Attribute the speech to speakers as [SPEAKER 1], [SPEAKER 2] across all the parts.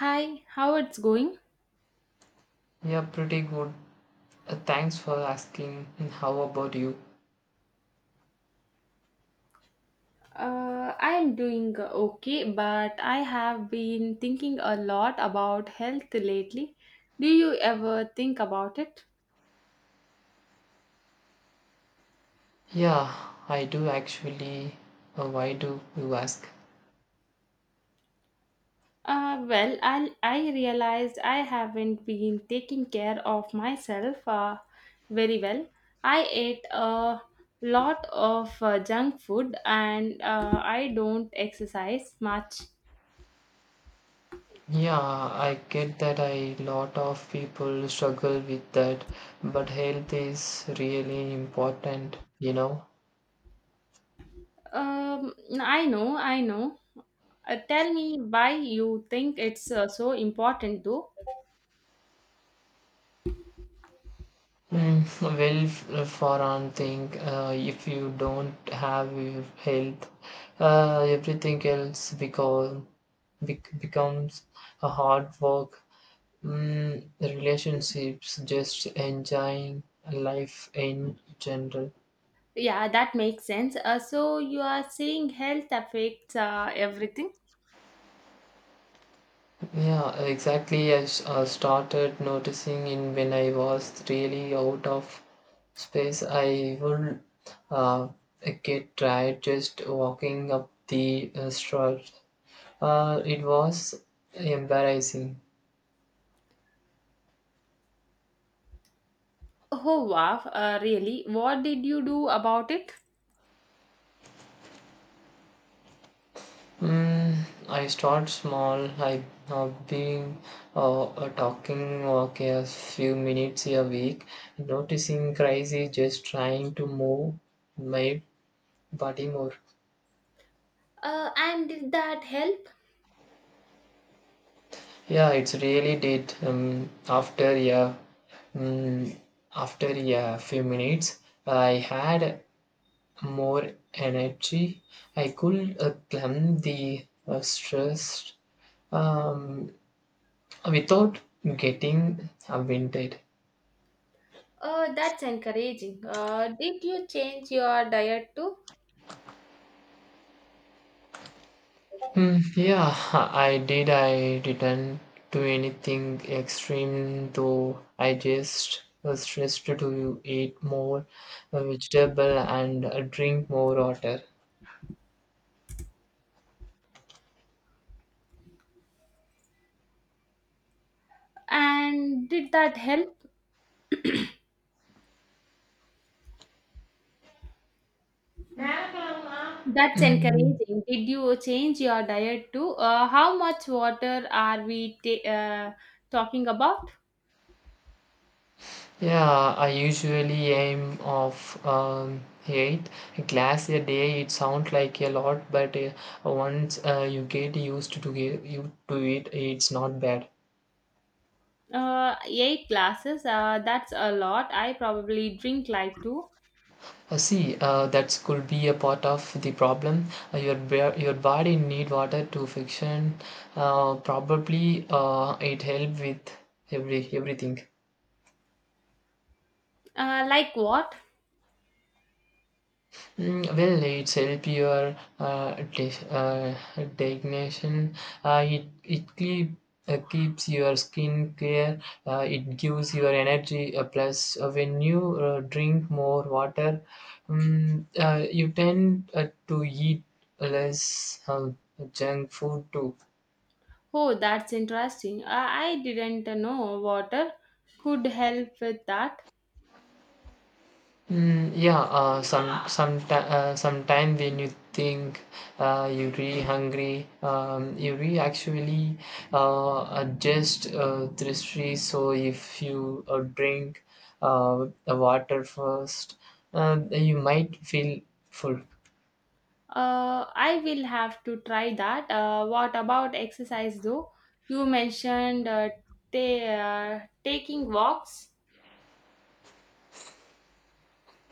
[SPEAKER 1] Hi, how it's going?
[SPEAKER 2] Yeah, pretty good. Thanks for asking. And how about you?
[SPEAKER 1] I'm doing okay, but I have been thinking a lot about health lately. Do you ever think about it?
[SPEAKER 2] Yeah, I do actually. Why do you ask?
[SPEAKER 1] Well, I realized I haven't been taking care of myself very well. I ate a lot of junk food and I don't exercise much.
[SPEAKER 2] Yeah, I get that a lot of people struggle with that, but health is really important.
[SPEAKER 1] Um, I know, I know. Tell me why you think it's so important though.
[SPEAKER 2] Well, for one thing, if you don't have your health, everything else becomes a hard work. Relationships, just enjoying life in general.
[SPEAKER 1] Yeah, that makes sense. So you are saying health affects everything?
[SPEAKER 2] Yeah, exactly. I started noticing in when I was really out of space, I would uh, get tired just walking up the street. It was embarrassing.
[SPEAKER 1] Oh wow, really? What did you do about it?
[SPEAKER 2] Mm, I start small. I have been being a talking okay, a few minutes a week, noticing crazy, just trying to move my body more.
[SPEAKER 1] And did that help?
[SPEAKER 2] Yeah, it's really did. Mm, after few minutes, I had more energy. I could climb the stress um, without getting winded.
[SPEAKER 1] That's encouraging. Did you change your diet too?
[SPEAKER 2] Hmm, yeah, I did. I didn't do anything extreme though. I just was stressed to eat more vegetable and drink more water.
[SPEAKER 1] And did that help? That's
[SPEAKER 2] Mm,
[SPEAKER 1] encouraging. Did you change your diet too? How much water are we talking about?
[SPEAKER 2] yeah, I usually aim of eight glass a day. It sounds like a lot, but once you get used to get you to it, it's not bad.
[SPEAKER 1] Eight glasses. That's a lot. I probably drink like two.
[SPEAKER 2] See, that could be a part of the problem. Your body need water to function. Probably, it help with everything.
[SPEAKER 1] Like what?
[SPEAKER 2] Well, it's help your designation. It keeps your skin clear. It gives your energy. Plus, when you drink more water, you tend to eat less junk food too.
[SPEAKER 1] Oh, that's interesting. I didn't know water could help with that.
[SPEAKER 2] Mm, yeah, sometime when you think you really hungry, you really actually are just thirsty. So if you drink the water first, you might feel full.
[SPEAKER 1] I will have to try that. What about exercise though? You mentioned ta- taking walks.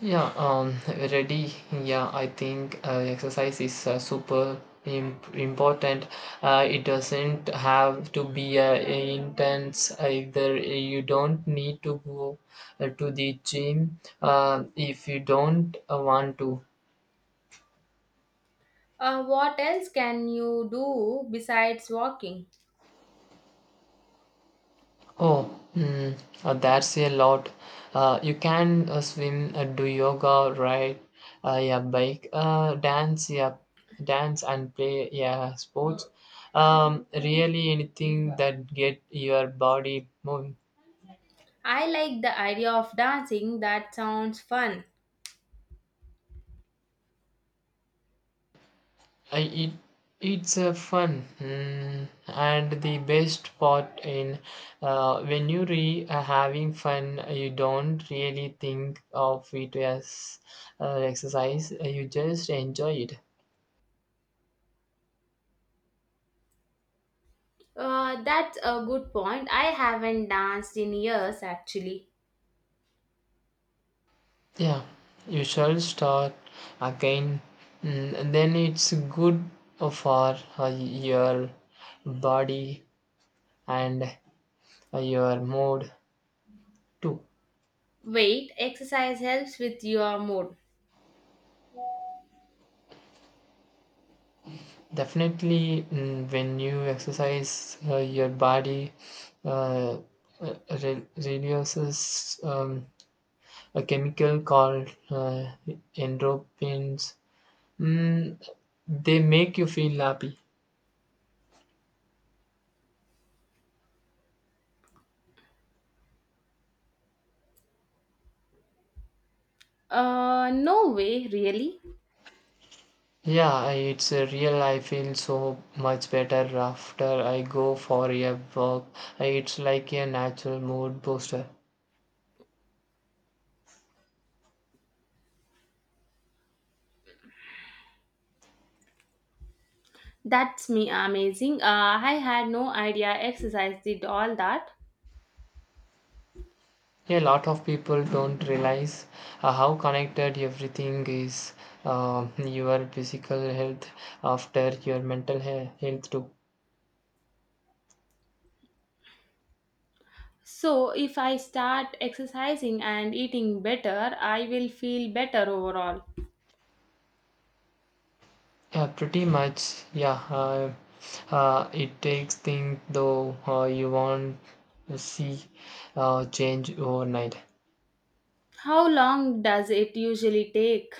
[SPEAKER 2] Yeah, ready. Yeah, I think exercise is super im important. It doesn't have to be intense either. You don't need to go to the gym if you don't want to.
[SPEAKER 1] What else can you do besides walking?
[SPEAKER 2] Oh, that's a lot. You can swim, do yoga, ride yeah, bike, dance, yeah, dance and play, yeah, sports. Really, anything that get your body moving.
[SPEAKER 1] I like the idea of dancing. That sounds fun.
[SPEAKER 2] I, it it's a fun, and the best part in when you re having fun, you don't really think of it as exercise. You just enjoy it.
[SPEAKER 1] That's a good point. I haven't danced in years actually.
[SPEAKER 2] Yeah, you shall start again. Then it's good for your body and your mood too.
[SPEAKER 1] Wait, exercise helps with your mood.
[SPEAKER 2] Definitely. When you exercise, your body uh, uh, reduces a chemical called endorphins. Mm, they make you feel happy.
[SPEAKER 1] No way, really?
[SPEAKER 2] Yeah, it's a real. I feel so much better after I go for a walk. It's like a natural mood booster.
[SPEAKER 1] That's me amazing. I had no idea exercise did all that.
[SPEAKER 2] A lot of people don't realize how connected everything is, your physical health after your mental health too.
[SPEAKER 1] So, if I start exercising and eating better, I will feel better overall.
[SPEAKER 2] Yeah, pretty much. Yeah, it takes things though you won't see change overnight.
[SPEAKER 1] How long does it usually take?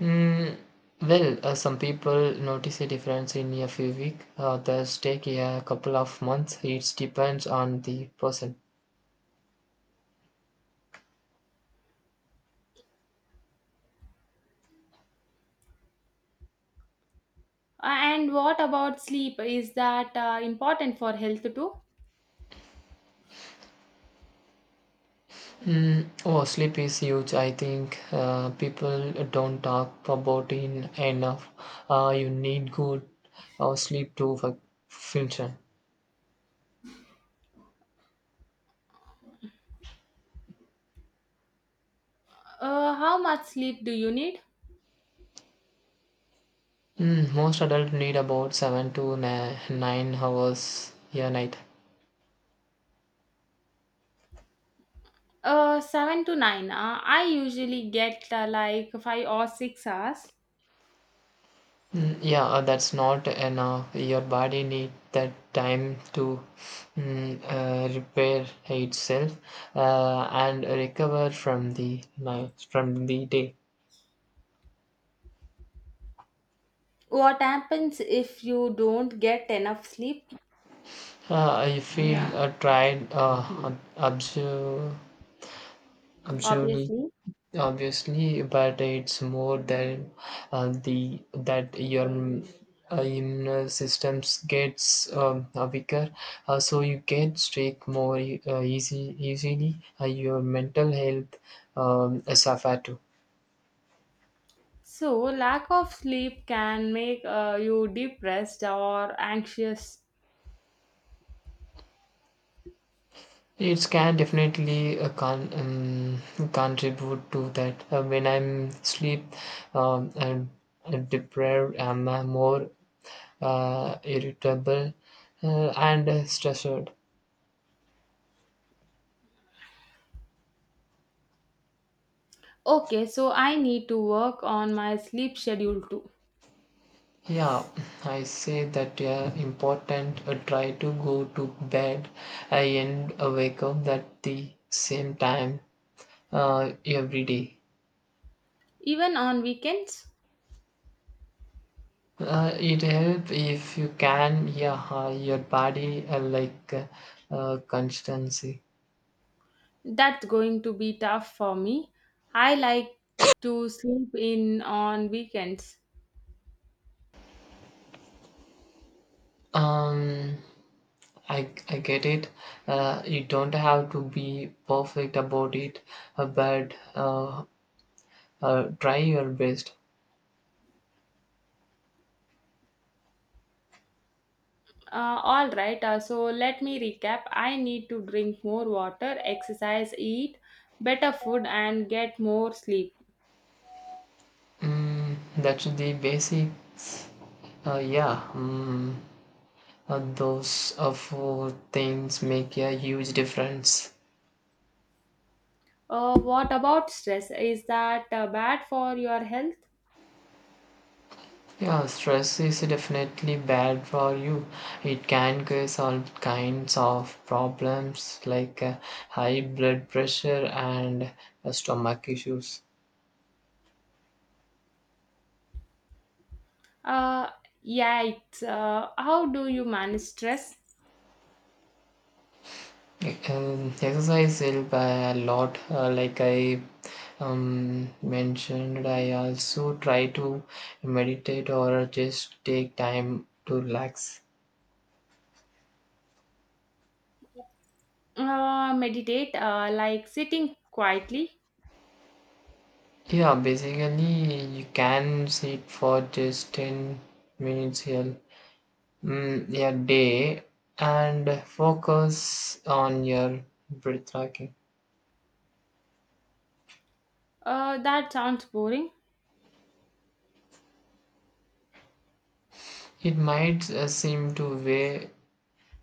[SPEAKER 2] Mm, well, some people notice a difference in a few weeks, others take a couple of months. It depends on the person.
[SPEAKER 1] And what about sleep? Is that important for health too?
[SPEAKER 2] Oh, sleep is huge. I think people don't talk about it enough. You need good sleep to function.
[SPEAKER 1] How much sleep do you need?
[SPEAKER 2] Most adults need about seven to nine hours a night.
[SPEAKER 1] Seven to nine. I usually get like 5 or 6 hours.
[SPEAKER 2] Mm, yeah, that's not enough. Your body need that time to repair itself and recover from the night, from the day.
[SPEAKER 1] What happens if you don't get enough sleep?
[SPEAKER 2] I feel, yeah, tried, absu- absurdly.
[SPEAKER 1] Obviously.
[SPEAKER 2] Obviously, but it's more than the that your immune systems gets weaker, so you get sick more e- easy easily. Your mental health suffer too.
[SPEAKER 1] So, lack of sleep can make you depressed or anxious.
[SPEAKER 2] It can definitely contribute to that. When I'm sleep um, and and deprived, I'm more irritable and stressed.
[SPEAKER 1] Okay, so I need to work on my sleep schedule too.
[SPEAKER 2] Yeah, I say that, yeah, important. Try to go to bed and wake up at the same time every day.
[SPEAKER 1] Even on weekends,
[SPEAKER 2] It help if you can. Yeah, your body like constancy.
[SPEAKER 1] that's going to be tough for me. I like to sleep in on weekends.
[SPEAKER 2] Um, I get it. You don't have to be perfect about it, but try your best.
[SPEAKER 1] All right, so let me recap. I need to drink more water, exercise, eat better food, and get more sleep.
[SPEAKER 2] That's the basics. Yeah, those four things make a huge difference.
[SPEAKER 1] What about stress? Is that bad for your health?
[SPEAKER 2] Yeah, stress is definitely bad for you. It can cause all kinds of problems like high blood pressure and stomach issues.
[SPEAKER 1] Uh, yeah, it's how do you manage stress?
[SPEAKER 2] Exercise help a lot. Like I mentioned, I also try to meditate or just take time to relax.
[SPEAKER 1] Meditate, like sitting quietly.
[SPEAKER 2] Yeah, basically you can sit for just 10 minutes here, a day and focus on your breath tracking.
[SPEAKER 1] That sounds boring.
[SPEAKER 2] It might seem to weigh,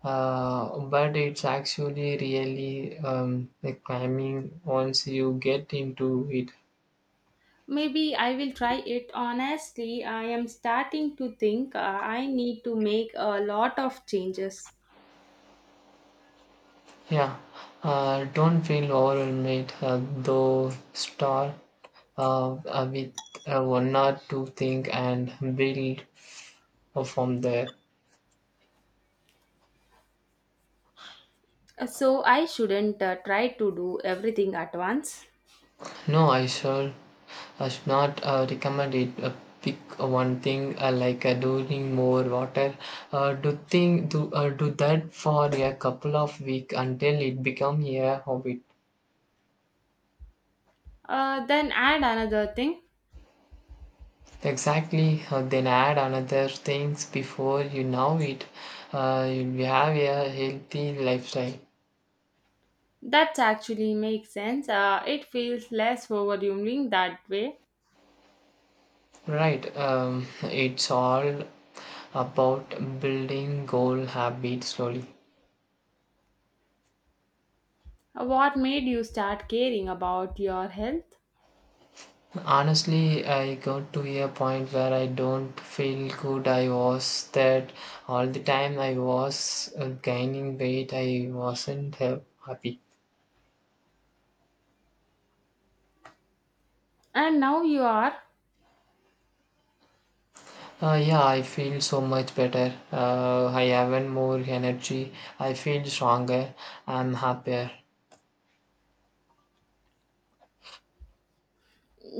[SPEAKER 2] but it's actually really like climbing once you get into it.
[SPEAKER 1] Maybe I will try it. Honestly, I am starting to think I need to make a lot of changes.
[SPEAKER 2] Yeah, don't feel overwhelmed though. Start with one or two things and build from there.
[SPEAKER 1] So I shouldn't try to do everything at once.
[SPEAKER 2] No, I shall. I should not recommend it. Pick one thing like doing more water. Do do that for a couple of weeks until it become a habit.
[SPEAKER 1] Then add another thing.
[SPEAKER 2] Exactly. Then add another things before you know it. You have a healthy lifestyle.
[SPEAKER 1] That actually makes sense. It feels less overwhelming that way.
[SPEAKER 2] Right. It's all about building goal habit slowly.
[SPEAKER 1] What made you start caring about your health?
[SPEAKER 2] Honestly, I got to a point where I don't feel good. I was that all the time. I was gaining weight. I wasn't happy.
[SPEAKER 1] And now you are.
[SPEAKER 2] Yeah, I feel so much better. I have more energy. I feel stronger. I'm happier.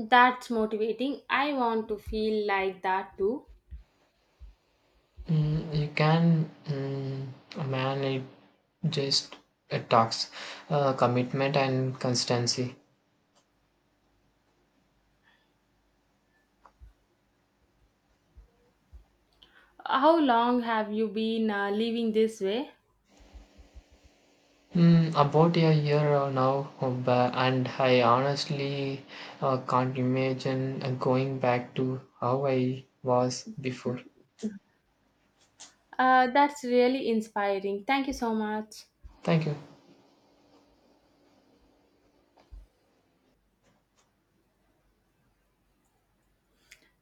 [SPEAKER 1] That's motivating. I want to feel like that too.
[SPEAKER 2] You can. Man, it just it talks commitment and constancy.
[SPEAKER 1] How long have you been living this way?
[SPEAKER 2] About a year now, and I honestly can't imagine going back to how I was before.
[SPEAKER 1] That's really inspiring. Thank you so much.
[SPEAKER 2] Thank you.